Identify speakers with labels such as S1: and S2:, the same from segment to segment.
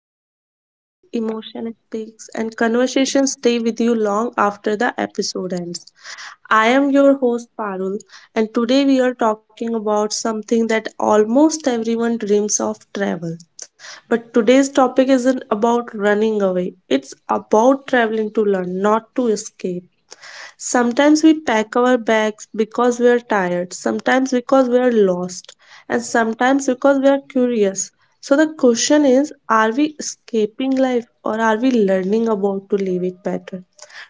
S1: stories breathe, emotion speaks, and conversations stay with you long after the episode ends. I am your host Parul, and today we are talking about something that almost everyone dreams of, travel. But today's topic isn't about running away, it's about traveling to learn, not to escape. Sometimes we pack our bags because we are tired, sometimes because we are lost, and sometimes because we are curious. So the question is, are we escaping life or are we learning about to live it better?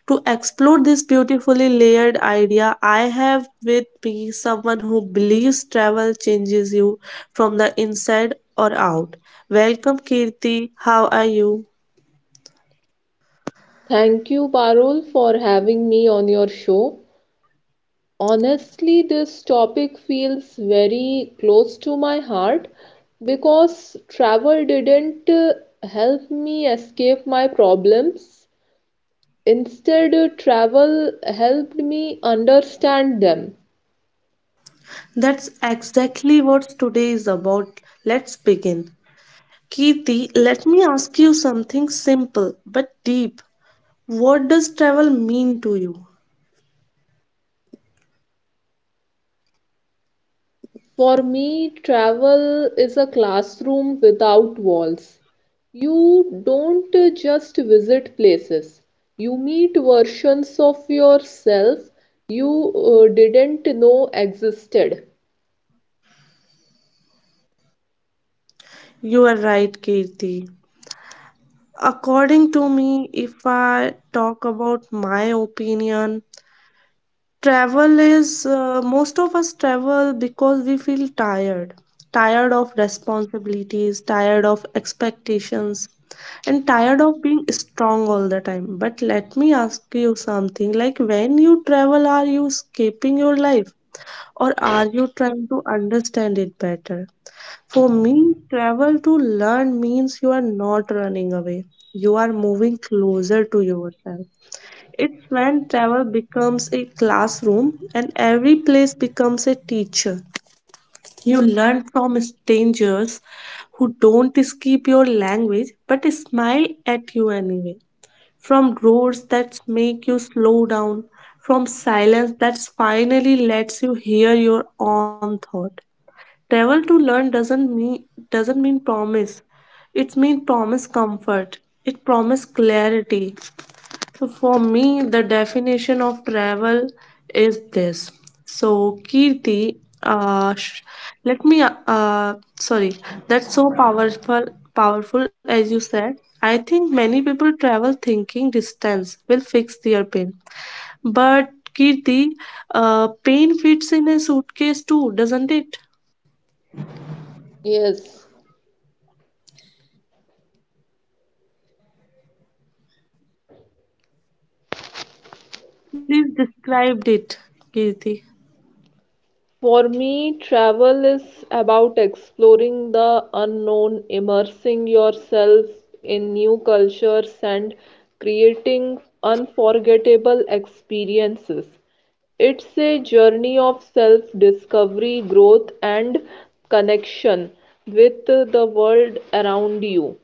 S1: To explore this beautifully layered idea, I have with me someone who believes travel changes you from the inside or out. Welcome, Kirti. How are you?
S2: Thank you, Parul, for having me on your show. Honestly, this topic feels very close to my heart because travel didn't help me escape my problems. Instead, travel helped me understand them.
S1: That's exactly what today is about. Let's begin. Kirti, let me ask you something simple but deep. What does travel mean to you?
S2: For me, travel is a classroom without walls. You don't just visit places, you meet versions of yourself you didn't know existed.
S1: You are right, Kirti. According to me, if I talk about my opinion, travel is most of us travel because we feel tired, tired of responsibilities, tired of expectations, and tired of being strong all the time. But let me ask you something, like, when you travel, are you escaping your life, or are you trying to understand it better? For me, travel to learn means you are not running away. You are moving closer to yourself. It's when travel becomes a classroom and every place becomes a teacher. You learn from strangers who don't skip your language but smile at you anyway. From roads that make you slow down, from silence that finally lets you hear your own thought. Travel to learn doesn't mean promise. It means promise comfort. It promise clarity. So for me, the definition of travel is this. So Kirti, uh, sh- let me, sorry, that's so powerful, as you said. I think many people travel thinking distance will fix their pain, but Kirti, pain fits in a suitcase too, doesn't it?
S2: Yes.
S1: Please described it, Kirti.
S2: For me, travel is about exploring the unknown, immersing yourself in new cultures, and creating unforgettable experiences. It's a journey of self discovery, growth, and connection with the world around you.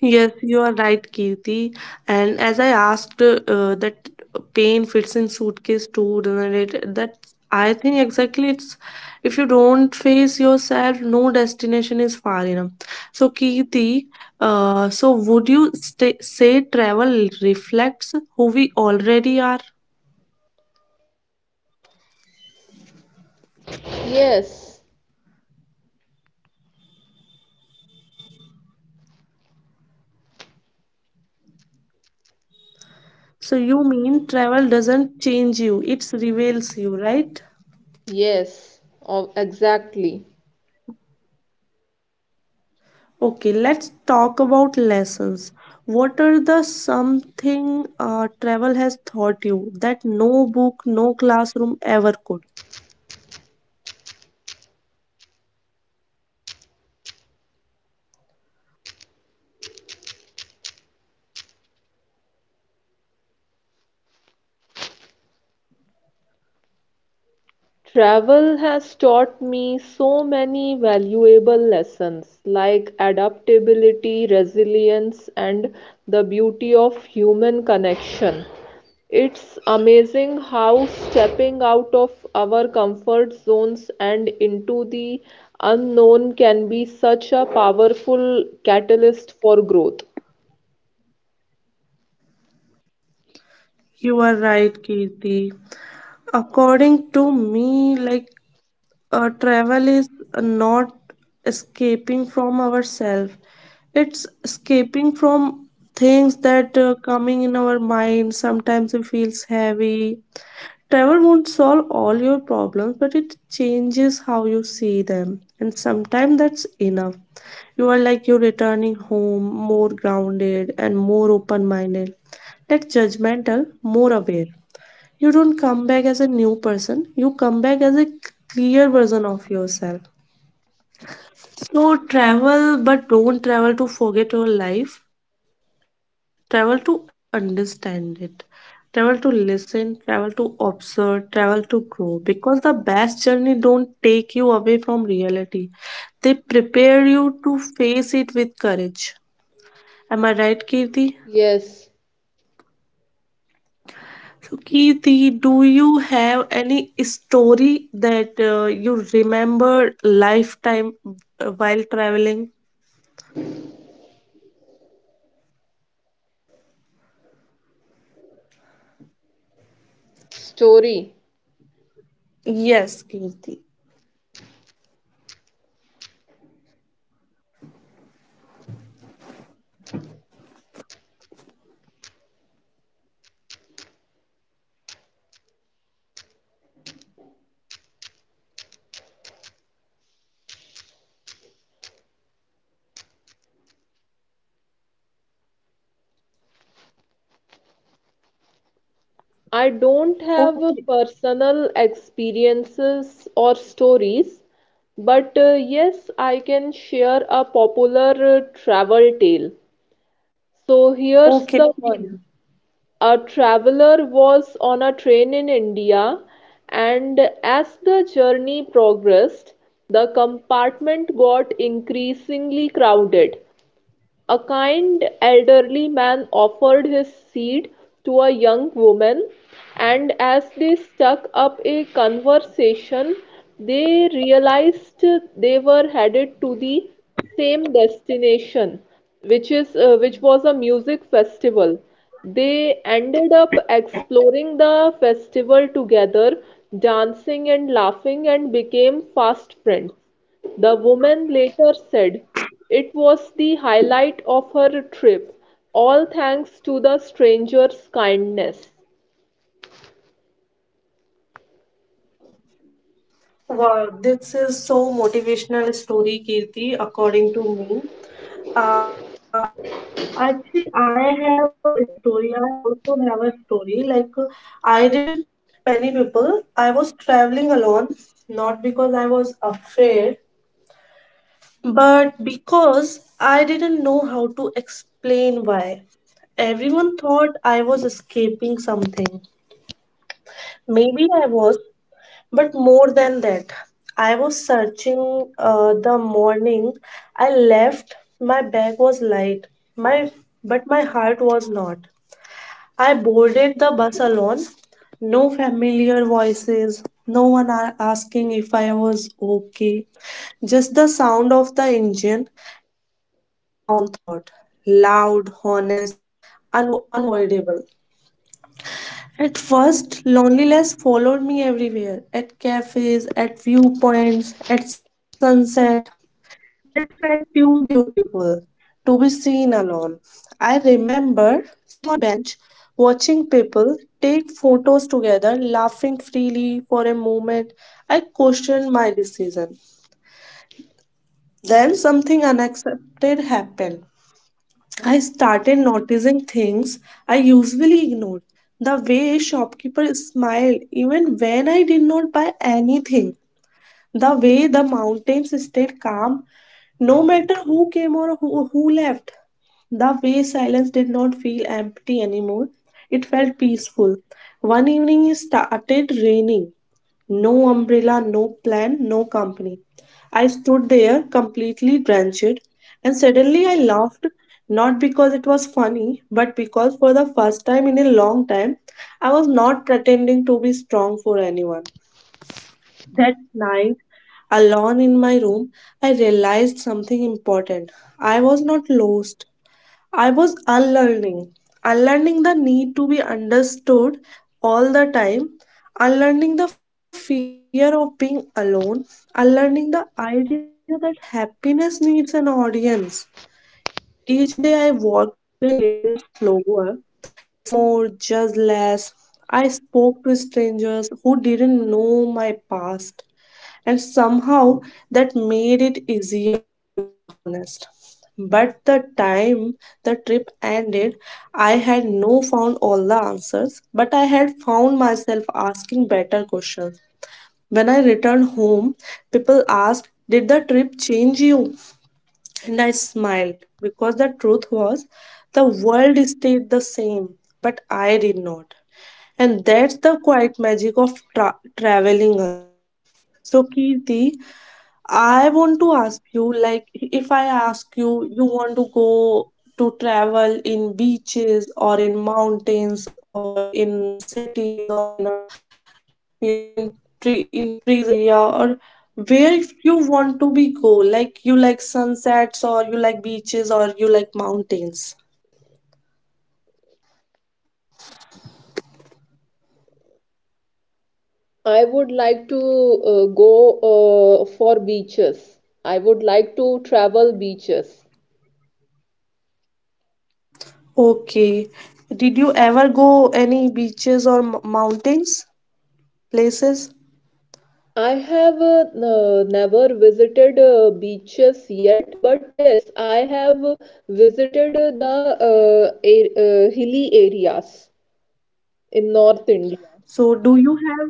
S1: Yes, you are right, Kirti. And as I asked, that pain fits in suitcase too, doesn't it? That I think exactly it's, if you don't face yourself, no destination is far enough. So, Kirti, so would you say travel reflects who we already are?
S2: Yes,
S1: So, you mean travel doesn't change you, it reveals you, right?
S2: yes, oh, exactly.
S1: Okay, let's talk about lessons. What are the something travel has taught you that no book, no classroom ever could?
S2: Travel has taught me so many valuable lessons like adaptability, resilience, and the beauty of human connection. It's amazing how stepping out of our comfort zones and into the unknown can be such a powerful catalyst for growth.
S1: You are right, Kirti. According to me, like, travel is not escaping from ourselves. It's escaping from things that coming in our mind. Sometimes it feels heavy. Travel won't solve all your problems, but it changes how you see them. And sometimes that's enough. You are like you're returning home more grounded and more open minded, less judgmental, more aware. You don't come back as a new person, you come back as a clear version of yourself. So travel, but don't travel to forget your life. Travel to understand it. Travel to listen, travel to observe, travel to grow. Because the best journey don't take you away from reality. They prepare you to face it with courage. Am I right, Kirti?
S2: Yes,
S1: So, Kirti, do you have any story that you remember lifetime while traveling?
S2: story.
S1: Yes, Kirti.
S2: I don't have
S1: Okay.
S2: personal experiences or stories, but yes, I can share a popular travel tale. So here's the one.
S1: Okay, please.
S2: A traveler was on a train in India, and as the journey progressed, the compartment got increasingly crowded. A kind elderly man offered his seat to a young woman, and as they struck up a conversation, they realized they were headed to the same destination, which is which was a music festival. They ended up exploring the festival together, dancing and laughing, and became fast friends. The woman later said it was the highlight of her trip, all thanks to the stranger's kindness.
S1: Wow, this is so motivational story, Kirti, according to me. Uh, Actually, I have a story. I also have a story. Like, I didn't tell many people. I was traveling alone, not because I was afraid, but because I didn't know how to explain why. Everyone thought I was escaping something. Maybe I was, but more than that, I was searching. The morning I left, my bag was light, my but my heart was not. I boarded the bus alone. No familiar voices, no one asking if I was okay. Just the sound of the engine and my own thought, loud, honest, unavoidable. At first, loneliness followed me everywhere, at cafes, at viewpoints, at sunset. That felt too beautiful to be seen alone. I remember sitting on a bench, watching people take photos together, laughing freely for a moment. I questioned my decision. Then something unexpected happened. I started noticing things I usually ignored. The way shopkeeper smiled even when I did not buy anything. The way the mountains stayed calm no matter who came or who left. The way silence did not feel empty anymore, it felt peaceful. One evening it started raining. No umbrella, no plan, no company. I stood there completely drenched, and suddenly I laughed, not because it was funny, but because for the first time in a long time, I was not pretending to be strong for anyone. That night, alone in my room, I realized something important. I was not lost. I was unlearning, unlearning the need to be understood all the time, unlearning the fear of being alone, unlearning the idea that happiness needs an audience. Each day I walked a little slower, listened more, judged less. I spoke to strangers who didn't know my past, and somehow that made it easier to be honest. But the time the trip ended, I had no found all the answers, but I had found myself asking better questions. When I returned home, people asked, "Did the trip change you?" And I smiled, because the truth was, the world stayed the same, but I did not. And that's the quiet magic of traveling alone. So, Kirti, I want to ask you, like, if I ask you, you want to go to travel in beaches, or in mountains, or in cities, or in a, you know, in tree, in trees area, or where you want to be go? Like, you like sunsets, or you like beaches, or you like mountains?
S2: I would like to go for beaches. I would like to travel beaches.
S1: Okay, did you ever go any beaches or mountains places?
S2: I have never visited beaches yet, but yes, I have visited the hilly areas in North India.
S1: So do you have,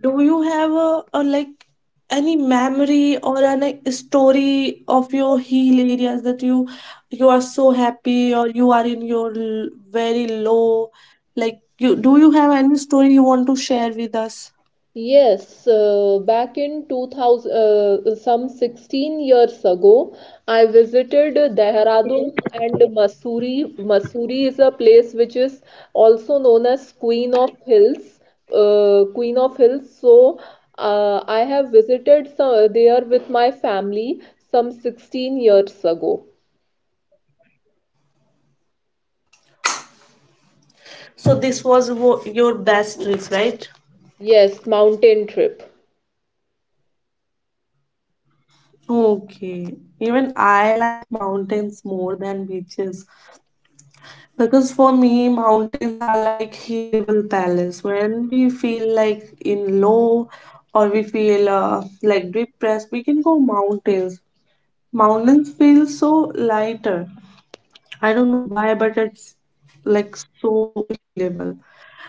S1: do you have a like, any memory or an a story of your hill areas, that you are so happy or you are in your very low? Like, you do, you have any story you want to share with us?
S2: Yes, back in 2000, some 16 years ago, I visited Dehradun and Mussoorie. Mussoorie is a place which is also known as Queen of Hills. Queen of Hills. I have visited some, there with my family some 16 years ago.
S1: So this was your best trip, right?
S2: Yes, mountain trip.
S1: Okay. Even I like mountains more than beaches. Because for me, mountains are like healable palace. When we feel like in low, or we feel like depressed, we can go mountains. Mountains feel so lighter. I don't know why, but it's like so healable.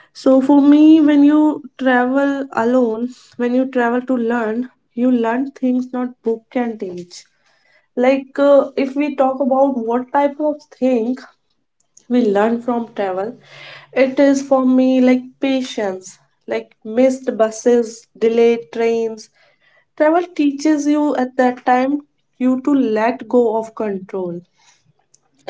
S1: So for me, when you travel alone, when you travel to learn, you learn things not book can teach. Like, if we talk about what type of thing we learn from travel. It is, for me, like patience, like missed buses, delayed trains. Travel teaches you, at that time, you to let go of control.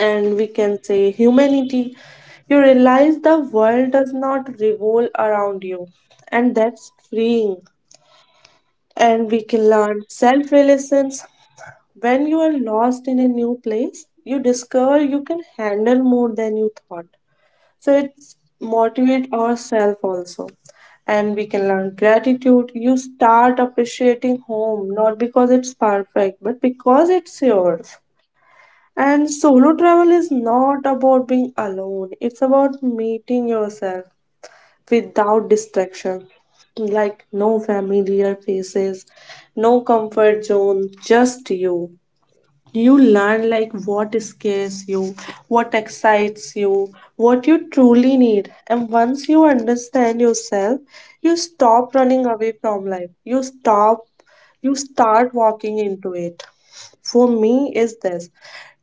S1: And we can say humanity. You realize the world does not revolve around you, and that's freeing. And we can learn self reliance. When you are lost in a new place, you discover you can handle more than you thought, so it's motivate ourselves also. And we can learn gratitude. You start appreciating home, not because it's perfect, but because it's yours. And solo travel is not about being alone, it's about meeting yourself without distraction. Like, no familiar faces, no comfort zone, just you. You learn, like, what scares you, what excites you, what you truly need. And once you understand yourself, you stop running away from life. You stop, you start walking into it. For me, is this,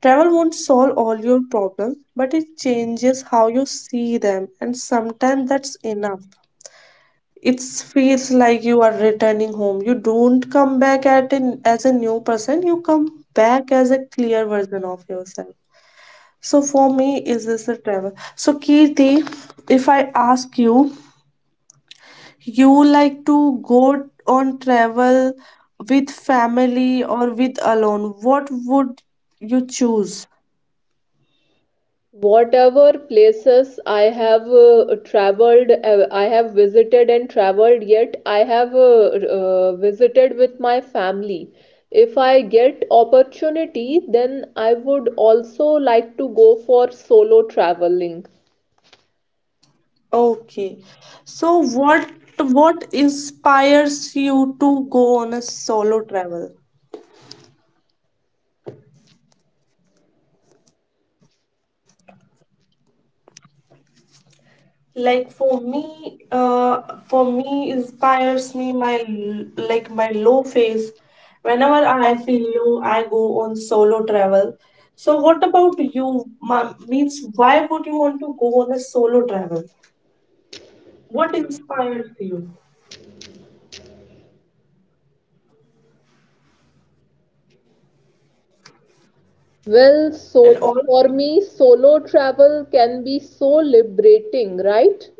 S1: travel won't solve all your problems, but it changes how you see them, and sometimes that's enough. It feels like you are returning home, you don't come back as a new person, you come back as a clear version of yourself. So for me is this a travel. So, Kirti, if I ask you, you like to go on travel with family or with alone, what would you choose?
S2: Whatever places I have traveled, I have visited and traveled, yet I have visited with my family. If I get opportunity, then I would also like to go for solo traveling.
S1: Okay, so what inspires you to go on a solo travel? Like, for me, inspires me my like, my low phase. Whenever I feel low, I go on solo travel. So what about you, means, why would you want to go on a solo travel? What inspires you?
S2: Well,
S1: And all.
S2: for me, solo travel can be so liberating, right?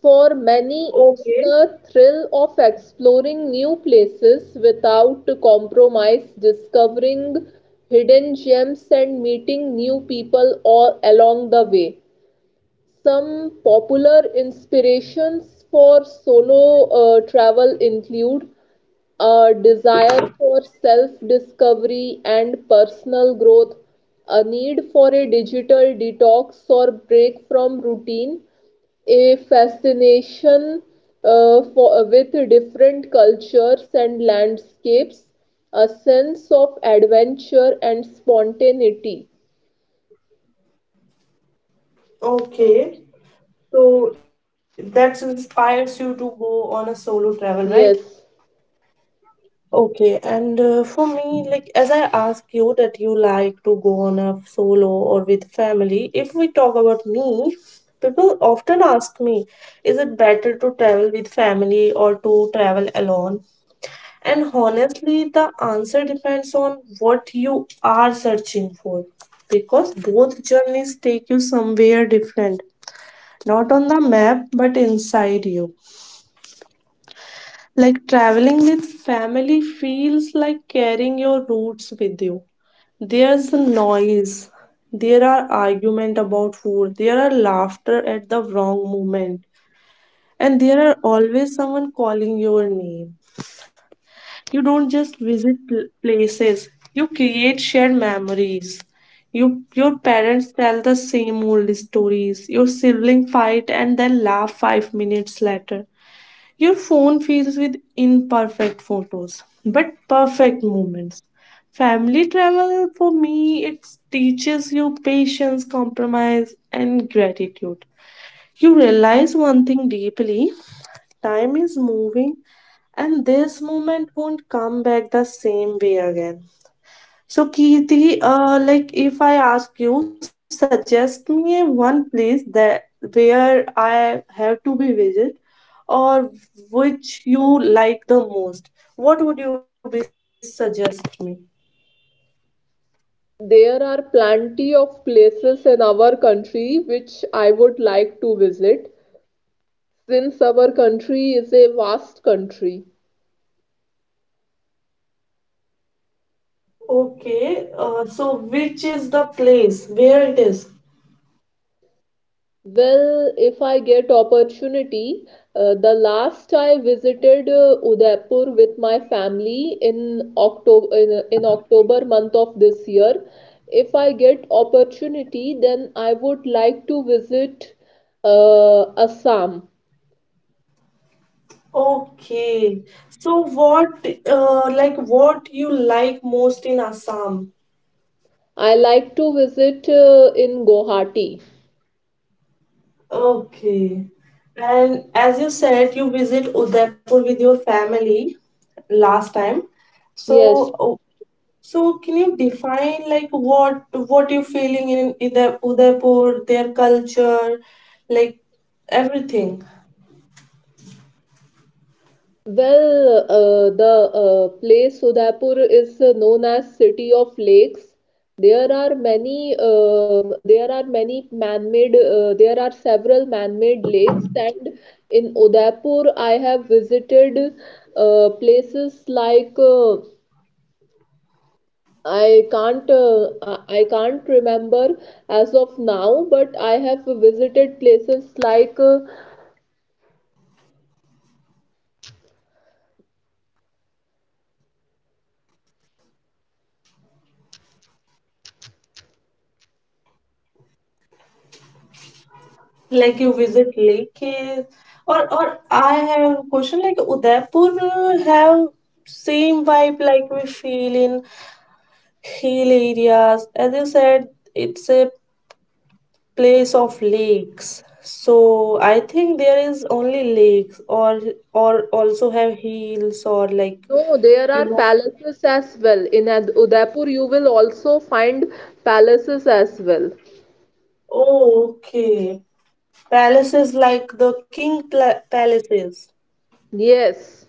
S2: For many, it's
S1: Okay.
S2: the thrill of exploring new places without compromise, discovering hidden gems, and meeting new people all along the way. Some popular inspirations for solo travel include a desire for self-discovery and personal growth, a need for a digital detox or break from routine, a fascination with different cultures and landscapes, a sense of adventure and spontaneity.
S1: Okay, so that inspires you to go on a solo travel, right?
S2: Yes.
S1: Okay, and for me, like as I ask you that you like to go on a solo or with family, if we talk about me, people often ask me, is it better to travel with family or to travel alone? And honestly, the answer depends on what you are searching for, because both journeys take you somewhere different, not on the map, but inside you. Like, traveling with family feels like carrying your roots with you. There's the noise, there are argument about food, there are laughter at the wrong moment, and there are always someone calling your name. You don't just visit places, you create shared memories. You, your parents tell the same old stories. Your sibling fight and then laugh 5 minutes later, your phone fills with imperfect photos, but perfect moments. Family travel for me it teaches you patience, compromise and gratitude. You realize one thing deeply, time is moving and this moment won't come back the same way again. So, Kirti, like if I ask you, suggest me one place that where I have to be visit or which you like the most. What would you be suggest me?
S2: There are plenty of places in our country which I would like to visit since our country is a vast country.
S1: Okay, so which is the place where it is?
S2: Well, if I get opportunity, the last I visited Udaipur with my family in October month of this year. If I get opportunity, then I would like to visit Assam.
S1: Okay, so what, like what you like most in Assam?
S2: I like to visit in Guwahati.
S1: Okay. And as you said, you visit Udaipur with your family last time. So,
S2: Yes.
S1: oh, so can you define like what you feeling in the Udaipur, their culture, like everything?
S2: Well, the place Udaipur is known as City of Lakes. There are many, uh, there are many man-made, there are several man-made lakes, and in Udaipur, I have visited places like I can't, I can't remember as of now, but I have visited places like
S1: Like you visit Lake. Or I have a question like Udaipur have same vibe like we feel in hill areas. As you said, it's a place of lakes. So I think there is only lakes or also have hills or like
S2: No, no, there
S1: you
S2: are
S1: know.
S2: palaces as well. In Udaipur, you will also find palaces as well.
S1: Oh, okay. Palaces like the king palaces.
S2: Yes,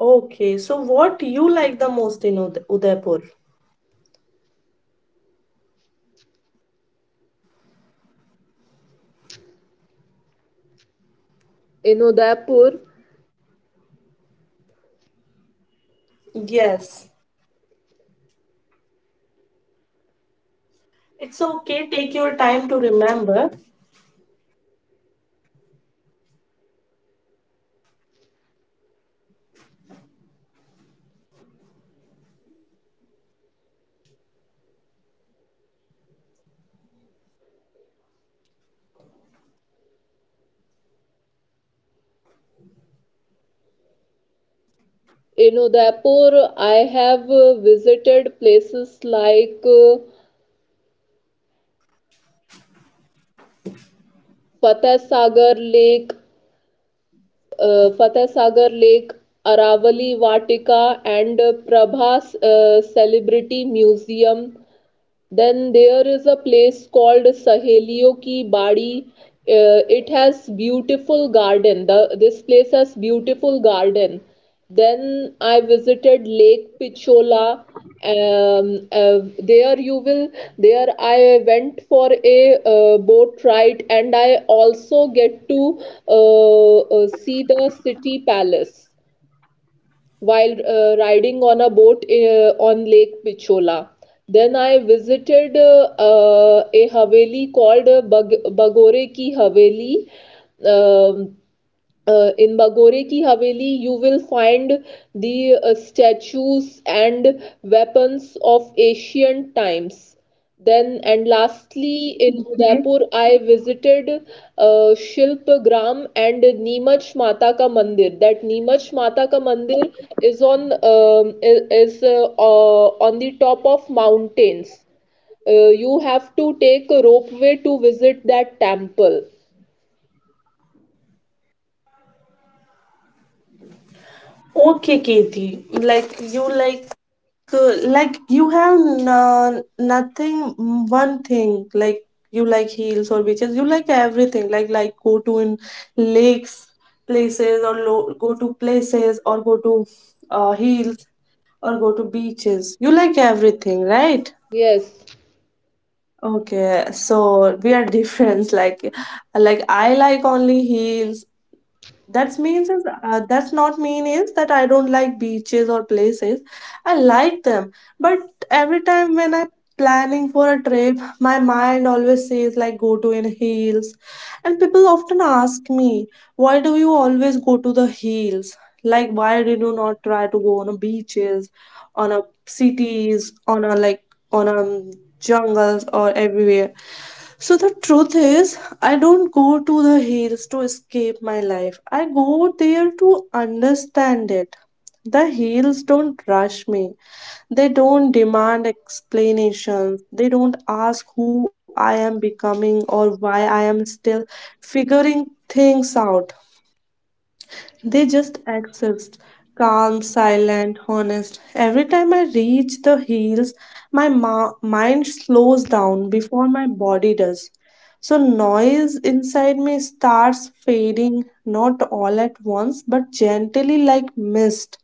S1: Okay, so what you like the most in Udaipur?
S2: in Udaipur,
S1: Yes. It's okay, take your time to remember.
S2: in Udaipur, I have visited places like Fateh Sagar Lake, uh, Fateh Sagar Lake, Aravali Vatika, and Prabha's Celebrity Museum. Then there is a place called Sahelio Ki Badi. It has beautiful garden. This place has beautiful garden. Then I visited Lake Pichola. There you will. There I went for a boat ride, and I also get to see the city palace while riding on a boat on Lake Pichola. Then I visited a haveli called Bagore ki Haveli. Um, in Bagore Ki Haveli, you will find the statues and weapons of ancient times. Then, and lastly, in Udaipur, I visited Shilp Gram and Neemach Mata Ka Mandir. That Neemach Mata Ka Mandir is on the top of mountains. You have to take a ropeway to visit that temple.
S1: Okay, Katie. Like you have nothing one thing like you like heels or beaches. You like everything. Like go to in lakes places or go to places or go to hills or go to beaches. You like everything, right?
S2: Yes,
S1: Okay, so we are different. Like I like only heels, that means is that's not mean is that I don't like beaches or places. I like them, but every time when I'm planning for a trip, my mind always says like go to in hills, and people often ask me why do you always go to the hills, like why did you not try to go on a beaches, on a cities, on a like on a jungles or everywhere. So the truth is, I don't go to the hills to escape my life. I go there to understand it. The hills don't rush me. They don't demand explanations. They don't ask who I am becoming or why I am still figuring things out. They just exist, calm, silent, honest. Every time I reach the hills, my mind slows down before my body does. So, noise inside me starts fading, not all at once, but gently like mist.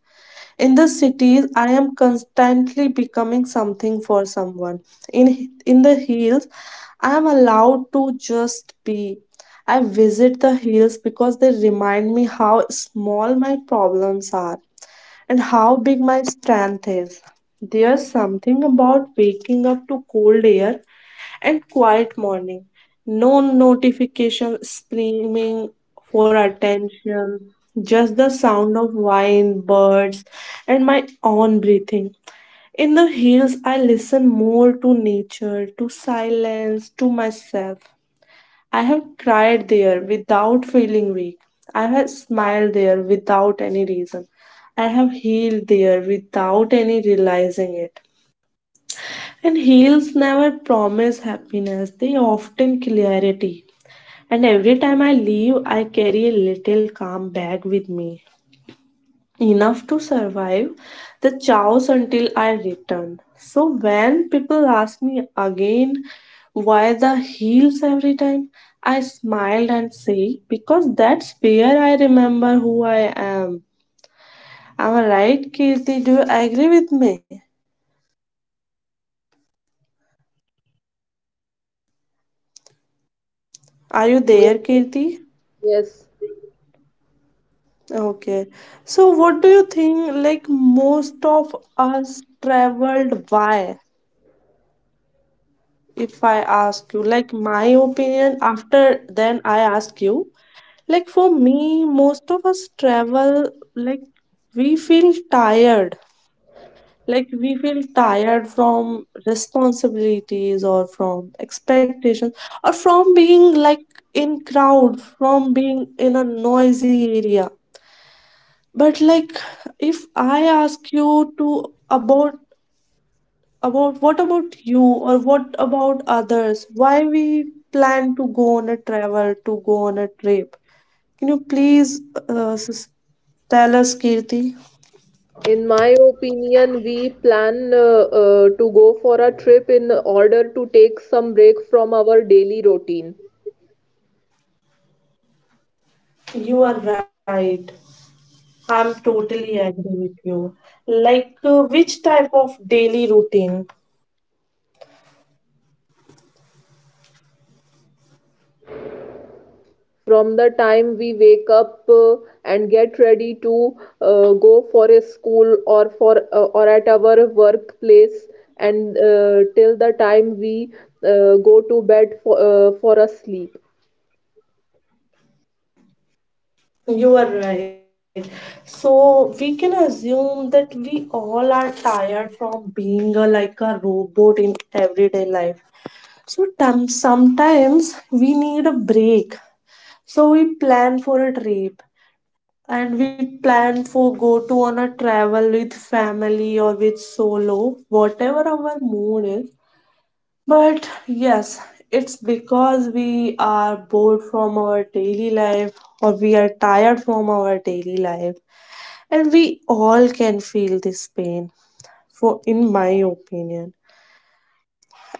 S1: In the cities, I am constantly becoming something for someone. In the hills, I am allowed to just be. I visit the hills because they remind me how small my problems are and how big my strength is. There's something about waking up to cold air and quiet morning. No notification screaming for attention, just the sound of wine, birds, and my own breathing. In the hills, I listen more to nature, to silence, to myself. I have cried there without feeling weak. I have smiled there without any reason. I have healed there without any realizing it. And heels never promise happiness, they often clarity. And every time I leave, I carry a little calm bag with me, enough to survive the chaos until I return. So when people ask me again why the heels every time, I smiled and say, because that's where I remember who I am. Am I right, Kirti? Do you agree with me? Are you there,
S2: yes,
S1: Kirti?
S2: yes.
S1: Okay. So what do you think like most of us traveled why? If I ask you, like my opinion, after then I ask you, like for me, most of us travel like we feel tired. Like we feel tired from responsibilities or from expectations or from being like in crowd, from being in a noisy area. But like if I ask you to about what about you or what about others? Why we plan to go on a travel, to go on a trip? Can you please uh, s- tell us, Kirti?
S2: In my opinion, we plan to go for a trip in order to take some break from our daily routine.
S1: You are right. I'm totally agree with you. Like, which type of daily routine?
S2: From the time we wake up and get ready to go for a school or for or at our workplace, and till the time we go to bed for a sleep.
S1: You are right. So we can assume that we all are tired from being a, like a robot in everyday life. So sometimes we need a break. So we plan for a trip and we plan for go to on a travel with family or with solo, whatever our mood is. But yes, it's because we are bored from our daily life or we are tired from our daily life and we all can feel this pain, for in my opinion.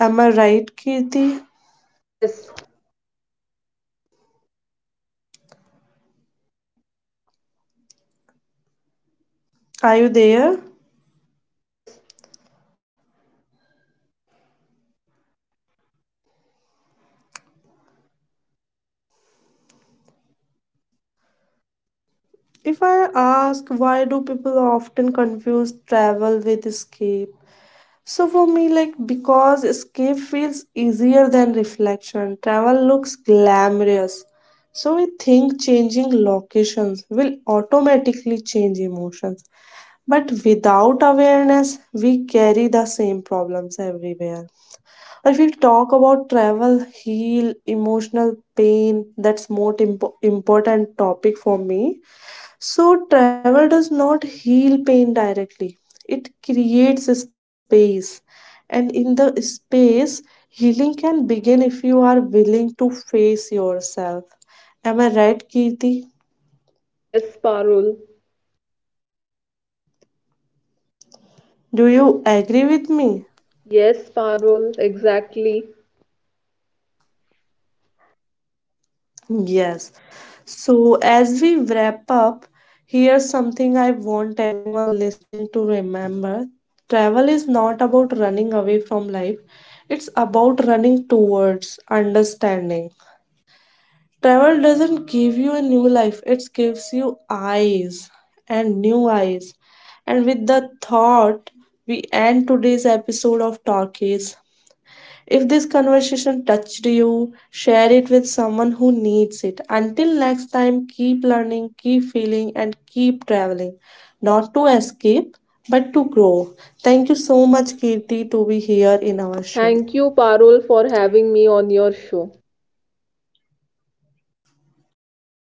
S1: Am I right, Kirti?
S2: Yes,
S1: Are you there?
S2: yes,
S1: If I ask why do people often confuse travel with escape? So for me, like because escape feels easier than reflection. Travel looks glamorous. So we think changing locations will automatically change emotions. But without awareness, we carry the same problems everywhere. If we talk about travel, heal, emotional pain, that's more important topic for me. So travel does not heal pain directly. It creates a space, and in the space, healing can begin if you are willing to face yourself. Am I right, Kirti?
S2: yes, Parul.
S1: Do you agree with me?
S2: Yes, Parul, exactly.
S1: Yes. So, as we wrap up, here's something I want everyone listening to remember. Travel is not about running away from life, it's about running towards understanding. Travel doesn't give you a new life, it gives you eyes and new eyes. And with the thought, we end today's episode of Talkies. If this conversation touched you, share it with someone who needs it. Until next time, keep learning, keep feeling, and keep traveling. Not to escape, but to grow. Thank you so much, Kirti, to be here in our show.
S2: Thank you, Parul, for having me on your show.